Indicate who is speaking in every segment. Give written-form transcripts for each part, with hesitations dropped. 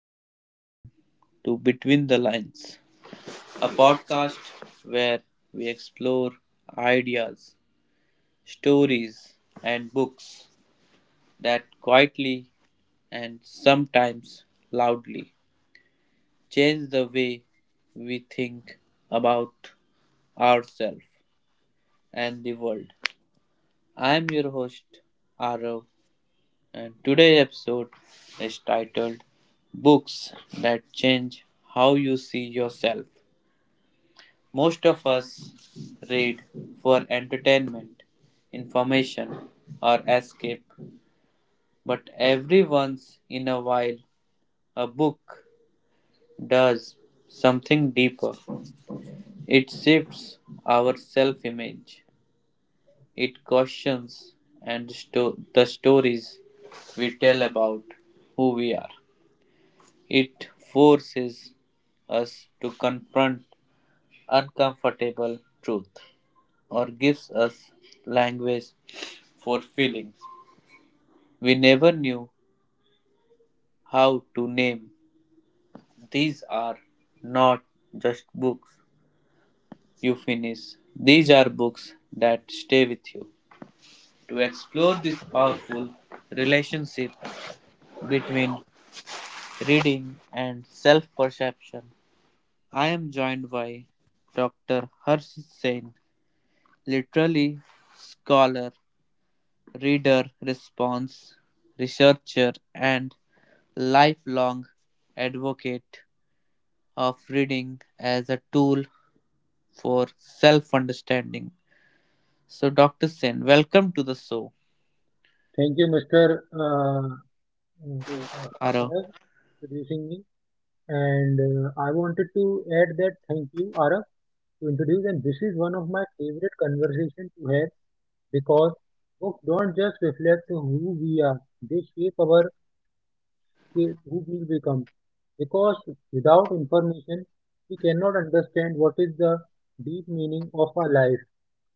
Speaker 1: and welcome to Between the Lines, a podcast where we explore ideas, stories, and books that quietly and sometimes loudly change the way we think about ourselves and the world. I am your host, Arav, and today's episode is titled Books That Change How You See Yourself. Most of us read for entertainment, information, or escape, but every once in a while, a book does something deeper. It shifts our self image. It questions and the stories we tell about who we are. It forces us to confront uncomfortable truth or gives us language for feelings we never knew how to name. These are not just books you finish, these are books that stay with you. To explore this powerful relationship between reading and self perception, I am joined by Dr. Harsh Sen, literally, scholar, reader response, researcher, and lifelong advocate of reading as a tool for self understanding. So, Dr. Sen, welcome to the show.
Speaker 2: Thank you, Mr. Uh, uh,
Speaker 1: Aro.
Speaker 2: Araf, introducing me. And I wanted to add that thank you, Araf, to introduce. And this is one of my favorite conversations to have because books don't just reflect who we are; they shape who we become. Because without information, we cannot understand what is the deep meaning of our life.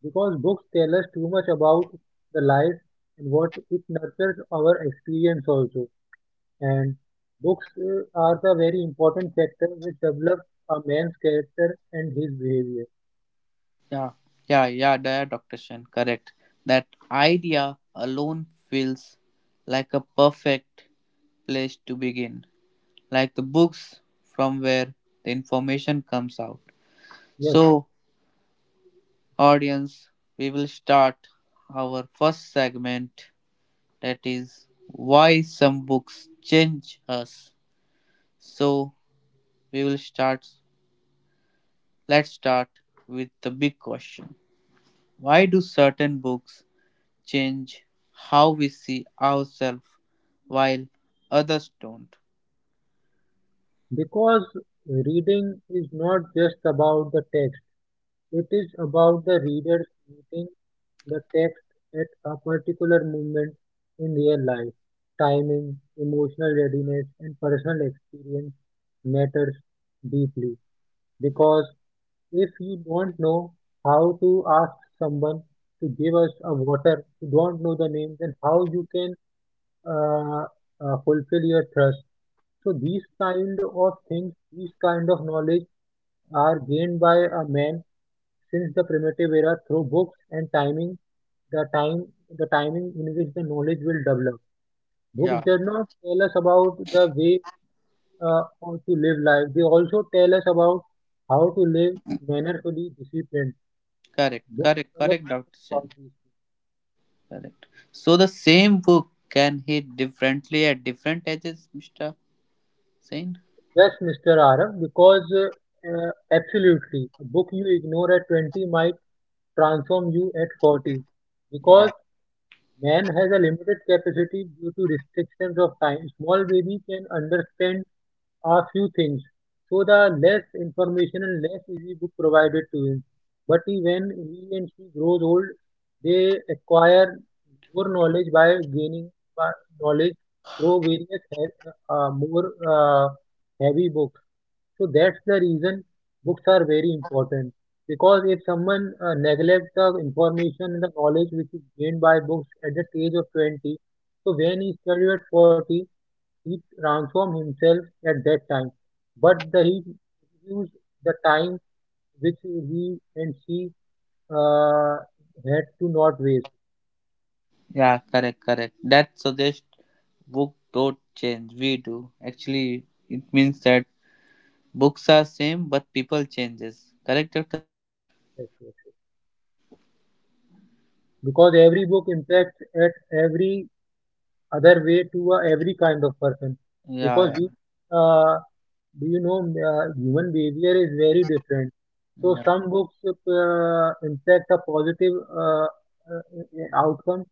Speaker 2: Because books tell us too much about the life and what it nurtures our experience also. And books are the very important factor which develops a man's character and his behavior.
Speaker 1: Yeah, yeah, yeah, yeah, Dr. Shen, correct. That idea alone feels like a perfect place to begin, like the books from where the information comes out.
Speaker 2: Yes, sir.
Speaker 1: So, audience, we will start our first segment that is why some books change us. So, we will start let's start with the big question. Why do certain books change how we see ourselves while others don't?
Speaker 2: Because reading is not just about the text, it is about the reader meeting the text at a particular moment in their life. Timing, emotional readiness, and personal experience matters deeply because if you don't know how to ask someone to give us a water, you don't know the name, then how you can uh, fulfill your thirst? So these kind of things, these kind of knowledge are gained by a man since the primitive era through books and timing, the time, the timing in which the knowledge will develop.
Speaker 1: Yeah,
Speaker 2: Books does not tell us about the way how to live life. They also tell us about how to live mannerfully, disciplined.
Speaker 1: correct,
Speaker 2: Don't
Speaker 1: correct,
Speaker 2: tell us
Speaker 1: correct, Dr.
Speaker 2: about
Speaker 1: Sen.
Speaker 2: these things.
Speaker 1: Correct. So the same book can hit differently at different ages, Mr. Sen?
Speaker 2: Yes, Mr. Arab, because absolutely, a book you ignore at 20 might transform you at 40. Because
Speaker 1: Yeah.
Speaker 2: man has a limited capacity due to restrictions of time, small baby can understand a few things. So the less information and less easy book provided to him. But he, when he and she grows old, they acquire more knowledge by gaining by knowledge through various he- more heavy books. So that's the reason books are very important. Because if someone neglects the information and the knowledge which is gained by books at the age of 20, so when he studied at 40, he transformed himself at that time, but he used the time which he and she uh, had to not waste.
Speaker 1: Yeah, correct, correct. That suggests book don't change. We do. Actually, it means that books are same, but people changes. Correct, Dr. Shane?
Speaker 2: Because every book impacts at every other way to every kind of person
Speaker 1: Yeah,
Speaker 2: because
Speaker 1: yeah,
Speaker 2: you uh, do you know human behavior is very different, so
Speaker 1: yeah.
Speaker 2: some books impact a positive uh, outcome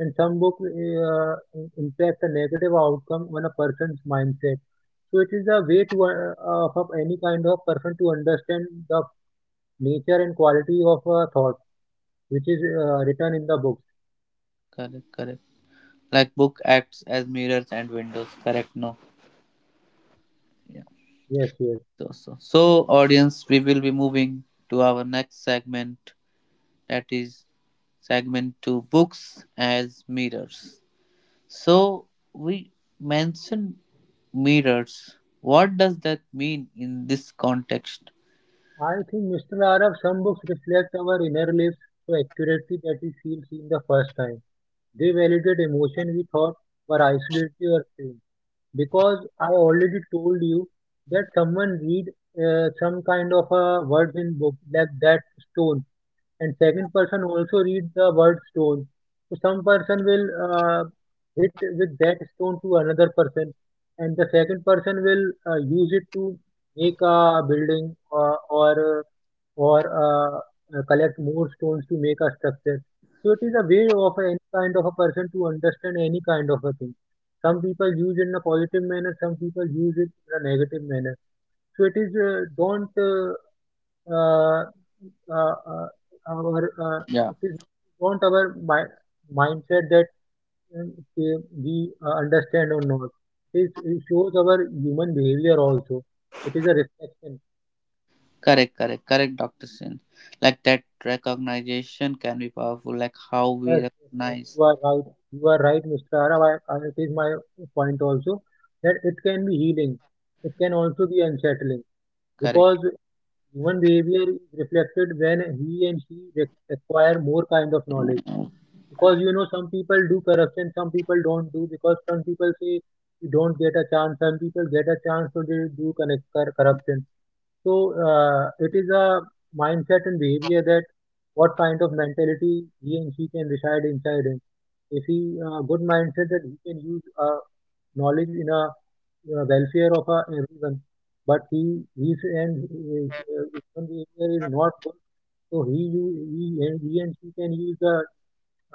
Speaker 2: and some book impact a negative outcome on a person's mindset. So it is a way to of any kind of person to understand the nature and quality of a thought which is written in the books.
Speaker 1: Correct, correct. Like book acts as mirrors and windows. Correct, no. Yeah.
Speaker 2: Yes, yes.
Speaker 1: So, audience, we will be moving to our next segment. That is segment two, books as mirrors. So we mentioned mirrors. What does that mean in this context?
Speaker 2: I think, Mr. Arab, some books reflect our inner lives so accurately that we feel seen the first time. They validate emotion we thought were isolated or strange. Because I already told you that someone read some kind of a words in book like that stone, and second person also reads the word stone. So some person will hit with that stone to another person, and the second person will use it to make a building or collect more stones to make a structure. So it is a way of any kind of a person to understand any kind of a thing. Some people use it in a positive manner, some people use it in a negative manner. So it is don't uh, uh, uh, our
Speaker 1: Yeah,
Speaker 2: if we don't our mi- mindset that okay, we understand or not. It shows our human behavior also. It is a reflection.
Speaker 1: correct, correct, correct, Dr. Sin. Like that recognition can be powerful, like how we
Speaker 2: Yes, yes, yes,
Speaker 1: recognize.
Speaker 2: you are right. You are right, Mr. Arav. It is my point also that it can be healing. It can also be unsettling
Speaker 1: Correct.
Speaker 2: because human behavior is reflected when he and she acquire more kind of knowledge, because you know, some people do corruption, some people don't do, because some people say you don't get a chance, some people get a chance, so they do connect corruption. So it is a mindset and behavior that what kind of mentality he and she can reside inside him. If he good mindset, that he can use knowledge in a welfare of everyone, but he his and his, his own behavior is not good, so he and she can use the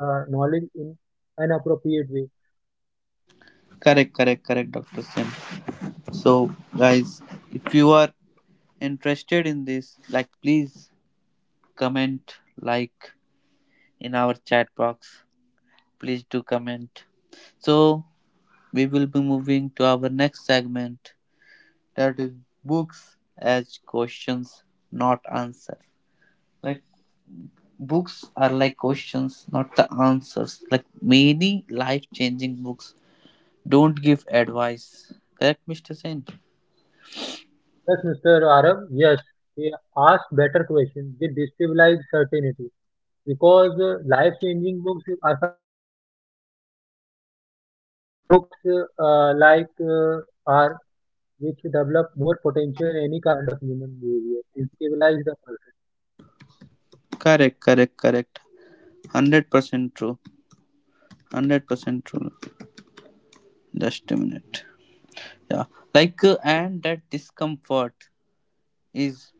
Speaker 2: knowledge in an appropriate way.
Speaker 1: Correct, correct, correct, Dr. Sin. So, guys, if you are interested in this, like, please comment, like in our chat box. Please do comment. So, we will be moving to our next segment. That is books as questions not answer, like books are like questions not the answers, like many life changing books don't give advice, correct, Mr. Sen?
Speaker 2: Yes, Mr. Arab, yes, they ask better questions. They destabilize certainty because life-changing books, if I talk about that, there are many types of. Some books are which develop more potential in any kind of human behavior, destabilize the person.
Speaker 1: Correct, correct, correct. 100% true. 100% true. Just a minute. Yeah. Like and that discomfort is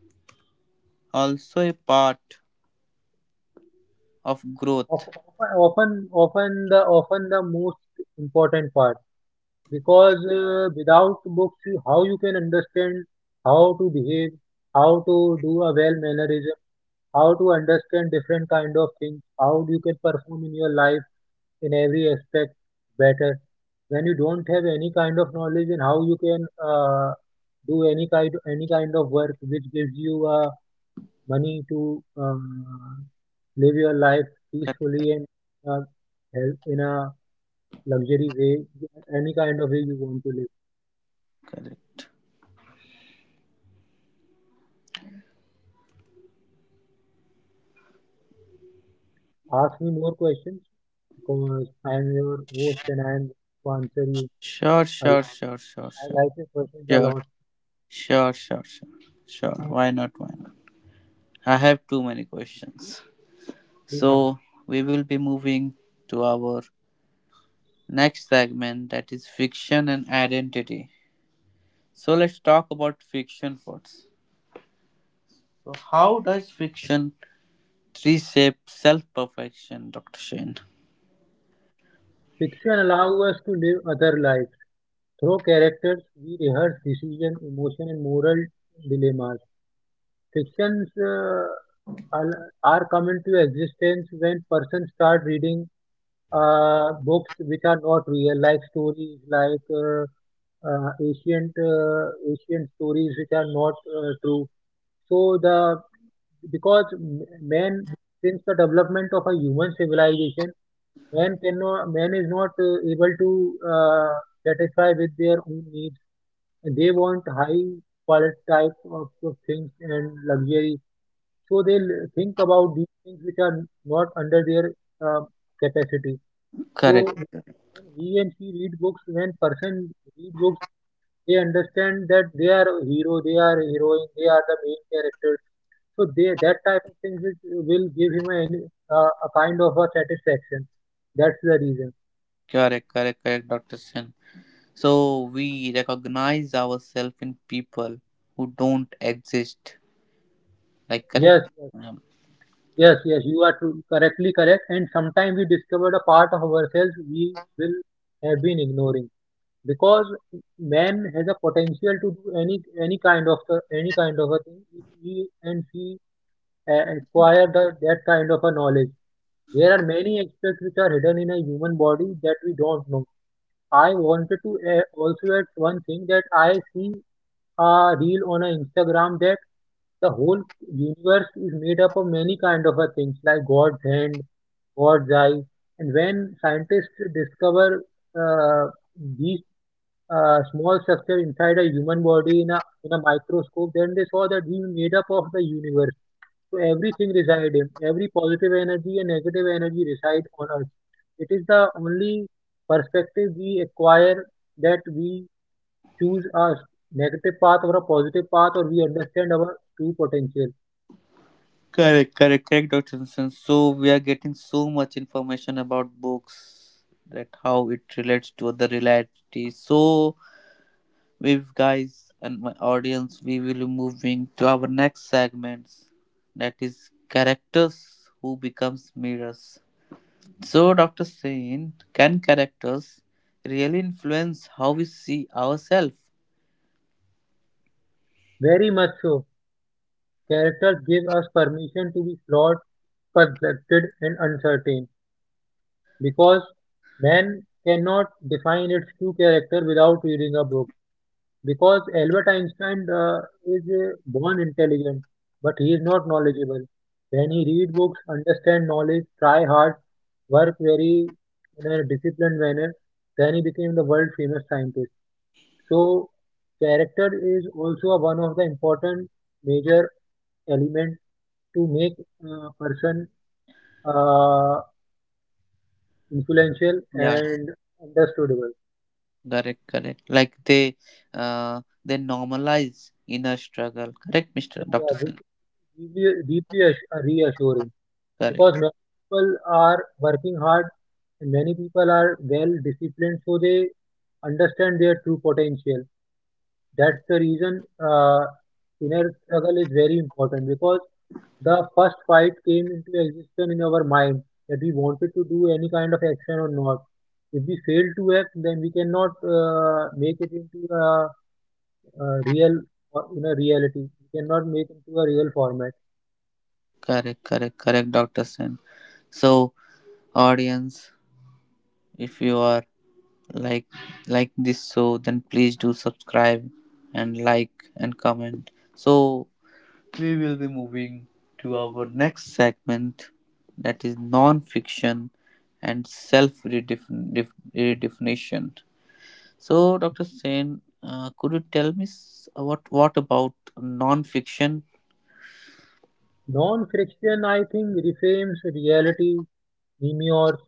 Speaker 1: also a part of growth.
Speaker 2: Of- Often, often the most important part. Because without books, how you can understand how to behave, how to do a well mannerism, how to understand different kind of things, how you can perform in your life in every aspect better when you don't have any kind of knowledge, and how you can uh, do any kind of work which gives you money to live your life
Speaker 1: Correct,
Speaker 2: peacefully and uh, in a luxury way, any kind of way you want to live.
Speaker 1: correct.
Speaker 2: Ask me more questions because I am your host and I am to answer you.
Speaker 1: Sure,
Speaker 2: I,
Speaker 1: sure, sure, sure,
Speaker 2: I
Speaker 1: sure,
Speaker 2: like your questions a
Speaker 1: sure.
Speaker 2: lot.
Speaker 1: Sure, sure, sure. Sure. Why not? Why not? I have too many questions.
Speaker 2: Please ask.
Speaker 1: So, we will be moving to our next segment that is fiction and identity. So, let's talk about fiction first. So, how does fiction reshape self perfection, Dr. Shane?
Speaker 2: Fiction allows us to live other lives. Through characters, we rehearse decision, emotion, and moral dilemmas. Fictions are come into existence when persons start reading books which are not real life stories, like ancient stories which are not true. So the, because man, since the development of a human civilization, man is not able to satisfy with their own needs. And they want high quality type of things and luxury. So they will think about these things which are not under their uh, capacity. So
Speaker 1: Correct,
Speaker 2: when he and she read books, when person read books, they understand that they are hero, they are heroine, they are the main character, so they, that type of things which will give him a, a kind of a satisfaction. That's the reason.
Speaker 1: correct, correct, correct, Dr. Shane. So, we recognize ourselves in people who don't exist. Like, correct?
Speaker 2: Yes, yes, yes, yes. You are true, correctly correct. And sometimes we discovered a part of ourselves we will have been ignoring, because man has a potential to do any any kind of a thing if he and she acquire the that kind of a knowledge. There are many aspects which are hidden in a human body that we don't know. I wanted to also add one thing, that I see a reel on a Instagram that the whole universe is made up of many kind of a things, like God's hand, God's eye, and when scientists discover uh, these small structure inside a human body in a microscope, then they saw that we made up of the universe. So everything reside in every positive energy and negative energy reside on Earth. It is the only perspective we acquire that we choose us, negative path or a positive path, or we understand our true potential.
Speaker 1: Correct, correct, correct, Dr. Nisan. So we are getting so much information about books that how it relates to the reality. So with guys and my audience, we will be moving to our next segments that is characters who becomes mirrors. So Dr. Sain, can characters really influence how we see ourselves?
Speaker 2: Very much so. Characters give us permission to be flawed, conflicted, and uncertain because man cannot define its true character without reading a book. Because Albert Einstein is born intelligent, but he is not knowledgeable. When he read books, understand knowledge, try hard, work very in a disciplined manner, then he became the world famous scientist. So character is also a one of the important major element to make a person uh, influential
Speaker 1: Yeah,
Speaker 2: and understandable.
Speaker 1: correct, correct. Like they normalize inner struggle. Correct, Mr.
Speaker 2: Yeah,
Speaker 1: Dr.
Speaker 2: yeah, which is deeply, deeply reassuring, because
Speaker 1: Correct,
Speaker 2: many people are working hard and many people are well disciplined, so they understand their true potential. That's the reason inner struggle is very important, because the first fight came into existence in our mind, that we wanted to do any kind of action or not. If we fail to act, then we cannot make it into a real in a reality. We cannot make into a real format.
Speaker 1: correct, correct, correct, Dr. Sen. So, audience, if you are like like this show, then please do subscribe and like and comment. So, we will be moving to our next segment that is non-fiction and self-redefinition. So, Dr. Sen, could you tell me what about non-fiction?
Speaker 2: Non-fiction, I think, reframes reality, memoirs,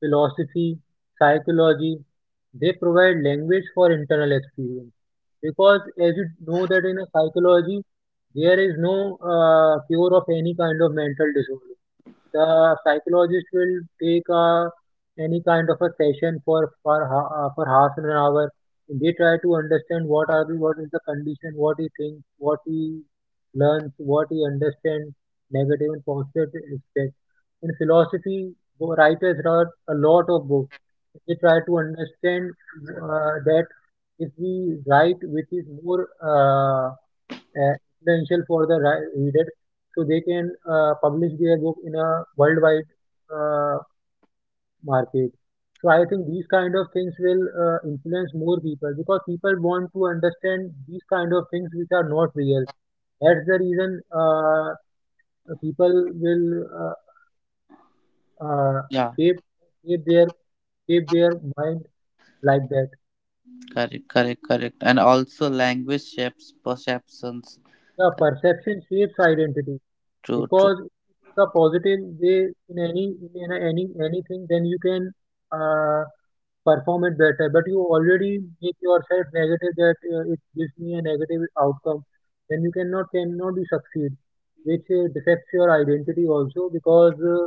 Speaker 2: philosophy, psychology. They provide language for internal experience. Because as you know that in a psychology, there is no cure of any kind of mental disorder. The psychologist will take a any kind of a session for half an hour. They try to understand what is the condition, what he thinks, what he learns, what he understands, negative and positive aspect. In philosophy, writers wrote a lot of books. They try to understand that if we write which is more uh, influential for the reader, so they can publish their book in a worldwide uh, market. So I think these kind of things will influence more people because people want to understand these kind of things which are not real. That's the reason people will uh, uh,
Speaker 1: Yeah,
Speaker 2: shape shape their shape their mind like that.
Speaker 1: correct, correct, correct. And also language shapes perceptions.
Speaker 2: The
Speaker 1: Cor-
Speaker 2: perception shapes identity.
Speaker 1: True, true.
Speaker 2: Because if you take a positive way in any in anything, then you can uh, perform it better, but you already make yourself negative, that it gives me a negative outcome. Then you cannot be succeed, which defects your identity also, because uh,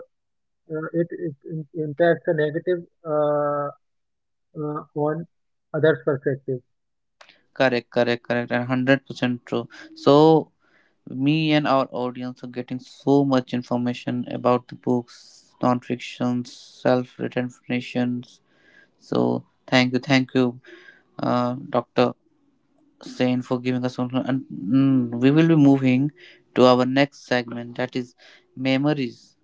Speaker 2: uh, impacts the negative uh, uh, on others perspective.
Speaker 1: Correct, correct, correct. And 100% true. So, me and our audience are getting so much information about the books, non fictions, self written fictions. So, thank you, Dr. Sain, for giving us some. And we will be moving to our next segment that is memories.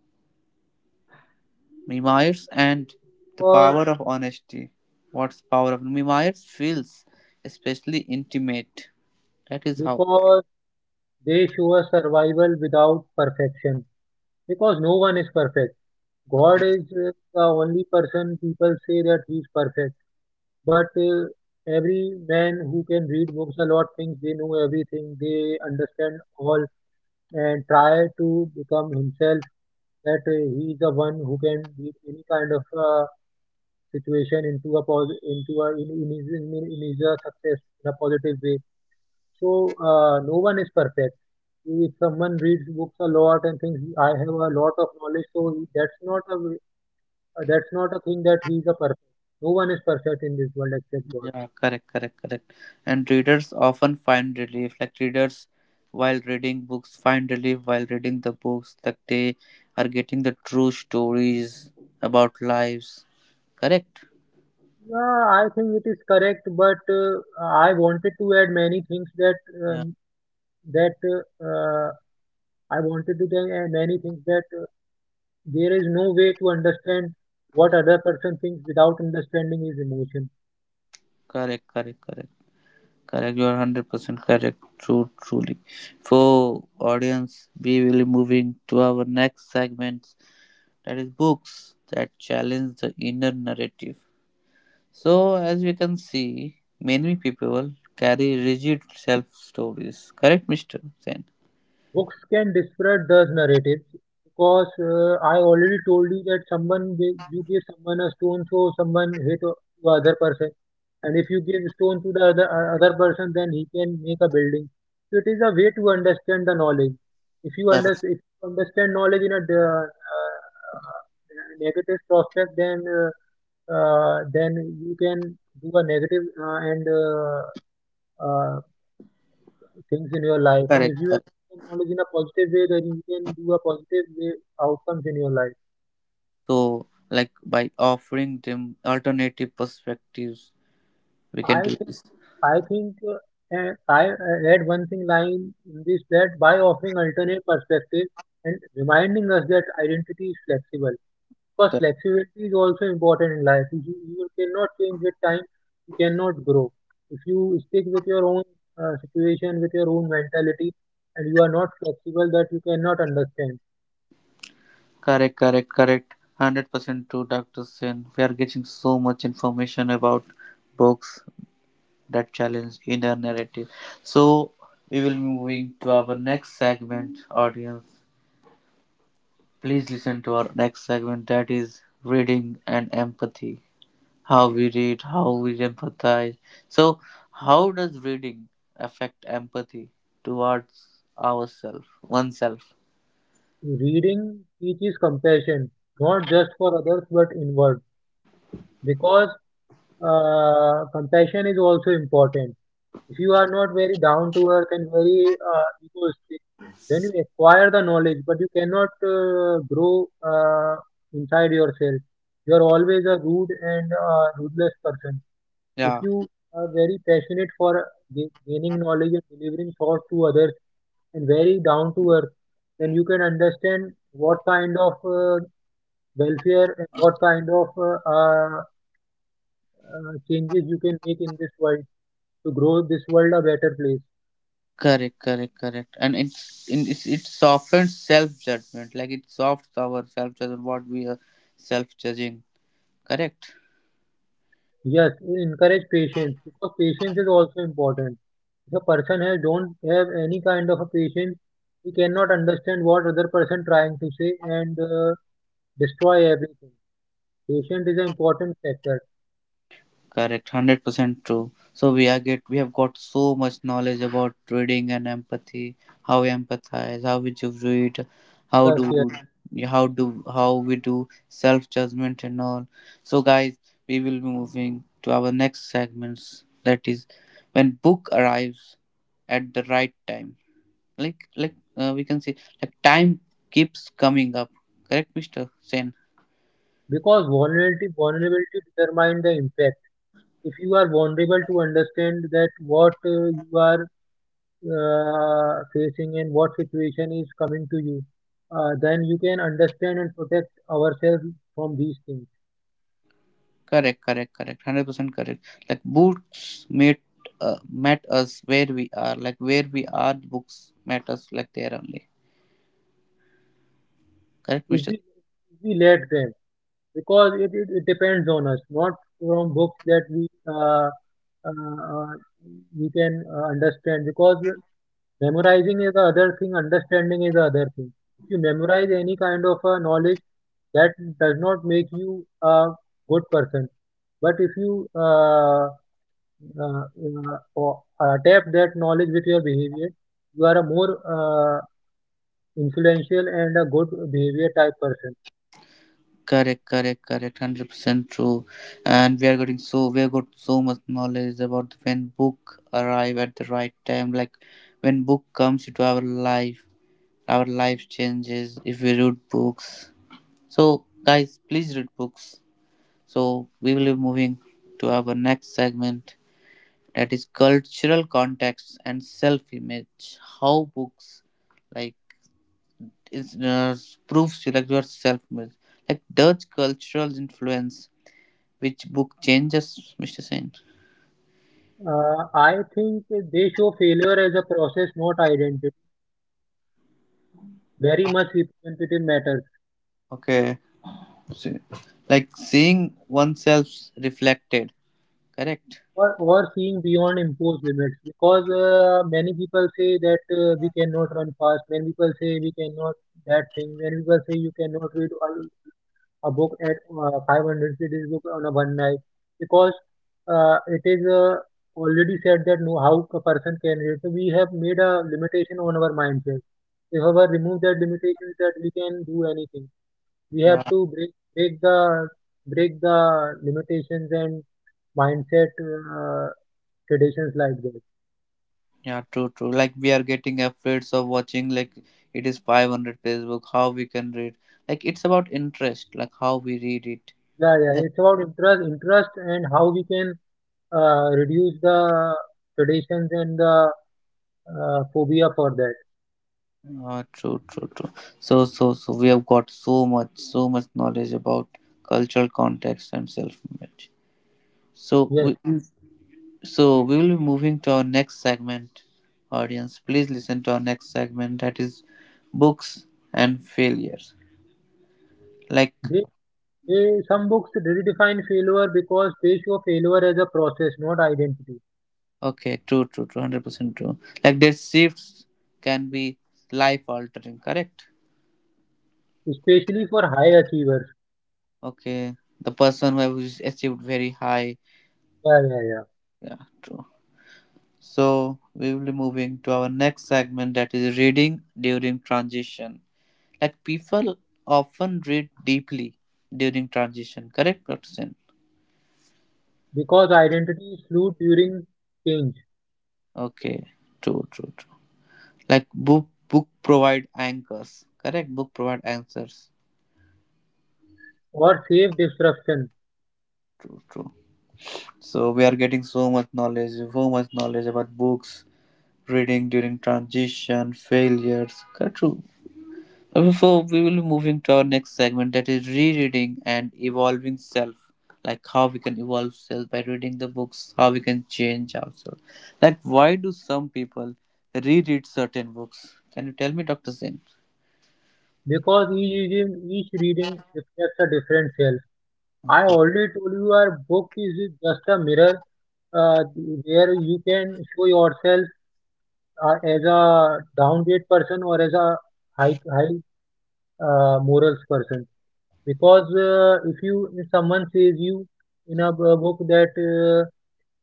Speaker 1: Me Myers and the
Speaker 2: Or
Speaker 1: power of honesty. What's the power of Me Myers feels especially intimate. That is how.
Speaker 2: because they show a survival without perfection, because no one is perfect. God
Speaker 1: Okay.
Speaker 2: is the only person people say that he's perfect. But every man who can read books a lot thinks they know everything, they understand all, and try to become himself. That he is the one who can beat any kind of situation into a pos- into a in his success in a positive way. So no one is perfect. If someone reads books a lot and thinks I have a lot of knowledge, so that's not a thing that he is a perfect. No one is perfect in this world except God.
Speaker 1: Yeah, correct, correct, correct. And readers often find relief. Like readers while reading books find relief while reading the books. Like they are getting the true stories about lives. Correct?
Speaker 2: Yeah, I think it is correct, but I wanted to add many things that
Speaker 1: Yeah,
Speaker 2: um, that I wanted to tell, many things that there is no way to understand what other person thinks without understanding his emotion.
Speaker 1: correct, correct, correct. Correct, you are 100% correct. True, truly. For audience, we will be moving to our next segment that is books that challenge the inner narrative. So, as we can see, many people carry rigid self stories. Correct, Mr. Sen?
Speaker 2: Books can disparage those narratives because I already told you that you give someone a stone, so someone hit the other person. And if you give stone to the other person, then he can make a building. So it is a way to understand the knowledge. if you
Speaker 1: Correct,
Speaker 2: understand if you understand knowledge in a uh, negative prospect, then you can do a negative and uh, things in your life, and
Speaker 1: correct,
Speaker 2: if you
Speaker 1: correct.
Speaker 2: understand knowledge in a positive way, then you can do a positive way outcomes in your life.
Speaker 1: So, like by offering them alternative perspectives, we can
Speaker 2: I
Speaker 1: do
Speaker 2: think
Speaker 1: this.
Speaker 2: I think and I read one thing line in this, that by offering alternate perspectives and reminding us that identity is flexible. Because flexibility is also important in life. If you cannot change with time. You cannot grow. If you stick with your own situation, with your own mentality, and you are not flexible, that you cannot understand.
Speaker 1: Correct, correct, correct. 100% true, Dr. Sen. We are getting so much information about books that challenge inner narrative. So, we will be moving to our next segment, audience. Please listen to our next segment that is reading and empathy. How we read, how we empathize. So, how does reading affect empathy towards ourselves, oneself?
Speaker 2: Reading teaches compassion, not just for others but inward. Because compassion is also important. If you are not very down to earth and very egoistic, then you acquire the knowledge, but you cannot grow inside yourself. You are always a rude and ruthless person. If
Speaker 1: Yeah.
Speaker 2: you are very passionate for gaining knowledge and delivering thought to others and very down to earth, then you can understand what kind of welfare and what kind of changes you can make in this world to grow this world a better place.
Speaker 1: Correct, correct, correct. And it softens self judgment, like it softs our self judgment, what we are self judging. Correct,
Speaker 2: Yes, encourage patience because patience is also important. If a person has don't have any kind of a patience, he cannot understand what other person trying to say, and destroy everything. Patience is an important factor.
Speaker 1: correct, 100% true. So we are get we have got so much knowledge about reading and empathy, how we empathize, how we read, how
Speaker 2: Yes, yes,
Speaker 1: do
Speaker 2: yes.
Speaker 1: how we do self judgment and all. So guys, we will be moving to our next segments. That is when book arrives at the right time. Like we can say, like, time keeps coming up, correct, Mr. Sen?
Speaker 2: Because vulnerability determines the impact. If you are vulnerable to understand that what you are facing and what situation is coming to you, then you can understand and protect ourselves from these things.
Speaker 1: Correct, correct, correct, 100% correct. Like books uh, met us where we are, like where we are books met us, like there only. Correct,
Speaker 2: if
Speaker 1: Mr.?
Speaker 2: we if we let them. Because it depends on us, not from books, that uh, uh, we can understand. Because memorizing is the other thing, understanding is the other thing. If you memorize any kind of knowledge, that does not make you a good person. But if you uh, uh, or- adapt that knowledge with your behavior, you are a more influential and a good behavior type person.
Speaker 1: Correct, correct, correct. 100% true. And we have got so much knowledge about when book arrive at the right time, like when book comes into our life, our life changes if we read books. So, guys, please read books. So, we will be moving to our next segment that is cultural context and self image. How books like is, proves you like your self image, like Dutch cultural influence. Which book changes, Mr. Sain?
Speaker 2: I think they show failure as a process, not identity. Very much representative matters,
Speaker 1: Okay, so, like seeing oneself reflected, correct?
Speaker 2: or, seeing beyond imposed limits, because many people say that we cannot run fast. Many people say we cannot that thing. Many people say you cannot read a book at 500 pages book on a one night, because it is already said that no how a person can read. So we have made a limitation on our mindset. If our remove that limitation, that we can do anything. We have
Speaker 1: Yeah.
Speaker 2: to break the limitations and mindset traditions like that.
Speaker 1: Yeah, true, true. Like we are getting afraid of watching like it is 500-page book, how we can read. Like it's about interest, like how we read it.
Speaker 2: Yeah, yeah.
Speaker 1: Correct.
Speaker 2: It's about interest, and how we can reduce the traditions and the phobia for that.
Speaker 1: Ah, true, true, true. So, we have got so much, so much knowledge about cultural context and self-image. So
Speaker 2: Yes,
Speaker 1: we, Mm. So we will be moving to our next segment, audience. Please listen to our next segment that is books and failures. Like,
Speaker 2: they, they some books redefine failure because they show failure as a process, not identity,
Speaker 1: okay, true, true, true, 100% true. Like their shifts can be life altering, correct?
Speaker 2: especially for high achievers.
Speaker 1: Okay, the person who has achieved very high.
Speaker 2: Yeah, yeah, yeah.
Speaker 1: Yeah, true. So we will be moving to our next segment that is reading during transition. Like people often read deeply during transition, correct, Dr. Sen?
Speaker 2: Because identity is fluid during change,
Speaker 1: Okay, true, true, true. Like book provide anchors, correct? Book provide answers.
Speaker 2: or safe disruption,
Speaker 1: True, true. So we are getting so much knowledge about books, reading during transition, failures. True. So we will be moving to our next segment that is rereading and evolving self. Like how we can evolve self by reading the books, how we can change ourselves. Like why do some people reread certain books? Can you tell me, Doctor Sin?
Speaker 2: because each reading reflects a different self. I
Speaker 1: Okay.
Speaker 2: already told you our book is just a mirror uh, where you can show yourself as a downgrade person or as a high morals person. Because if someone says you in a book, that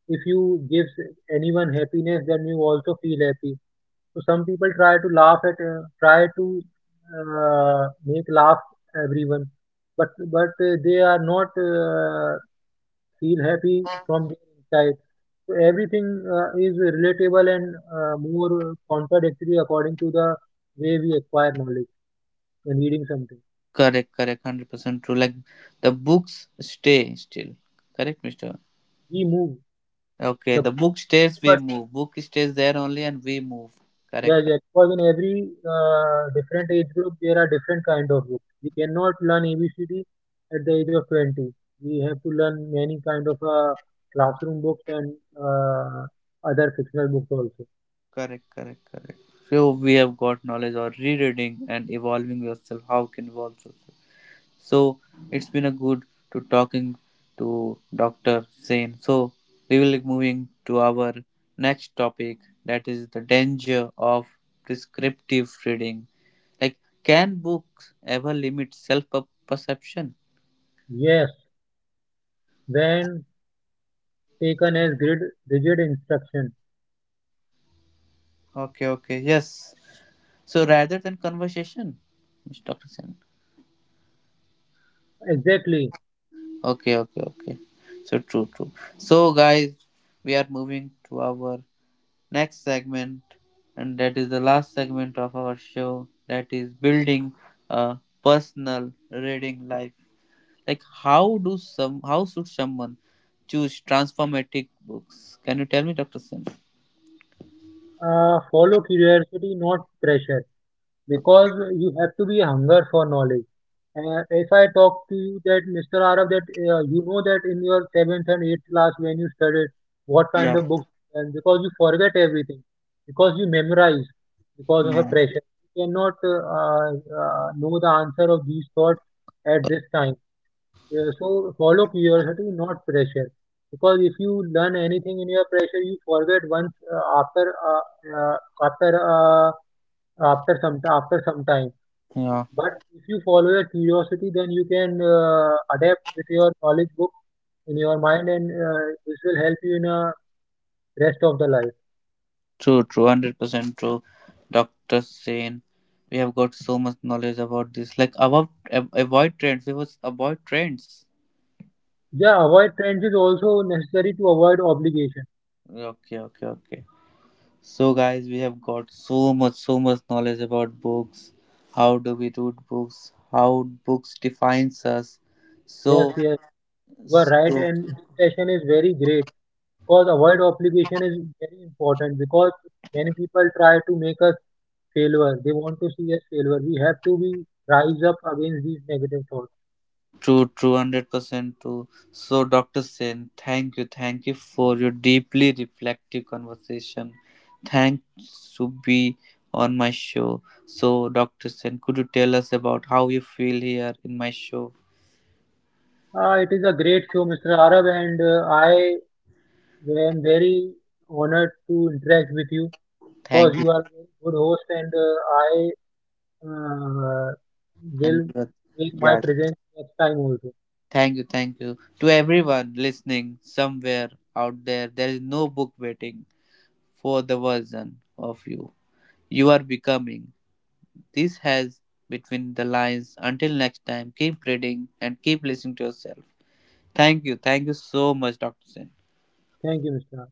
Speaker 2: if you give anyone happiness, then you also feel happy. So some people try to make laugh everyone, but they are not feel happy from their inside. So everything is relatable and more contradictory according to the way we acquire knowledge and reading something.
Speaker 1: Correct, correct, 100% true. Like the books stay still. Correct, Mister.
Speaker 2: We move
Speaker 1: Okay,
Speaker 2: the.
Speaker 1: the book stays, we move. Book stays there only and we move.
Speaker 2: Yeah,
Speaker 1: Correct,
Speaker 2: yeah.
Speaker 1: correct,
Speaker 2: Because in every different age group, there are different kind of books. We cannot learn ABCD at the age of 20. We have to learn many kind of classroom books and other fictional books also.
Speaker 1: correct, correct, correct. So we have got knowledge or rereading and evolving yourself. How can evolve yourself? So it's been a good to talking to Dr. Sain. So we will be moving to our next topic that is the danger of prescriptive reading. Like can books ever limit self perception?
Speaker 2: Yes, when taken as grid, rigid instruction.
Speaker 1: Okay, okay, yes. So rather than conversation, Mr. Dr. Sen.
Speaker 2: Exactly.
Speaker 1: Okay, okay, okay. So true, true. So guys, we are moving to our next segment, and that is the last segment of our show. That is building a personal reading life. Like, how do some? How should someone choose transformative books? Can you tell me, Dr. Sen?
Speaker 2: Follow curiosity, not pressure. Because you have to be hunger for knowledge. If I talk to you that Mr. Arav, that you know that in your seventh and eighth class when you studied what kind
Speaker 1: Yeah.
Speaker 2: of books, and because you forget everything, because you memorize, because of a
Speaker 1: Hmm.
Speaker 2: pressure, you cannot know the answer of these thoughts at this time. So follow curiosity, not pressure, because if you learn anything in your pressure, you forget once uh, after uh, after some time.
Speaker 1: Yeah.
Speaker 2: But if you follow your curiosity, then you can adapt with your knowledge book in your mind, and this will help you in rest of the life.
Speaker 1: True, true, 100% true, Doctor Sain. We have got so much knowledge about this. Like about avoid trends. We was avoid trends.
Speaker 2: Yeah, avoid trends is also necessary to avoid obligation.
Speaker 1: Okay, okay, okay. So guys, we have got so much, so much knowledge about books. How do we read books? How books defines us?
Speaker 2: Yes,
Speaker 1: So,
Speaker 2: yes, you are right,
Speaker 1: so,
Speaker 2: and this session is very great because avoid obligation is very important, because many people try to make us failure. They want to see us failure. We have to be rise up against these negative thoughts.
Speaker 1: true, true, 100% true. So, Dr. Sen, thank you. Thank you for your deeply reflective conversation. Thanks to be on my show. So, Dr. Sen, could you tell us about how you feel here in my show?
Speaker 2: It is a great show, Mr. Arab, and I am very honored to interact with you because
Speaker 1: Thank you.
Speaker 2: you are a very good host, and I uh,
Speaker 1: And
Speaker 2: will make my
Speaker 1: yeah,
Speaker 2: presence next time also.
Speaker 1: thank you. Thank you. To everyone listening somewhere out there, there is no book waiting for the version of you. You are becoming. This has between the lines. Until next time, keep reading and keep listening to yourself. Thank you. Thank you so much, Dr. Sen.
Speaker 2: Thank you, Mr.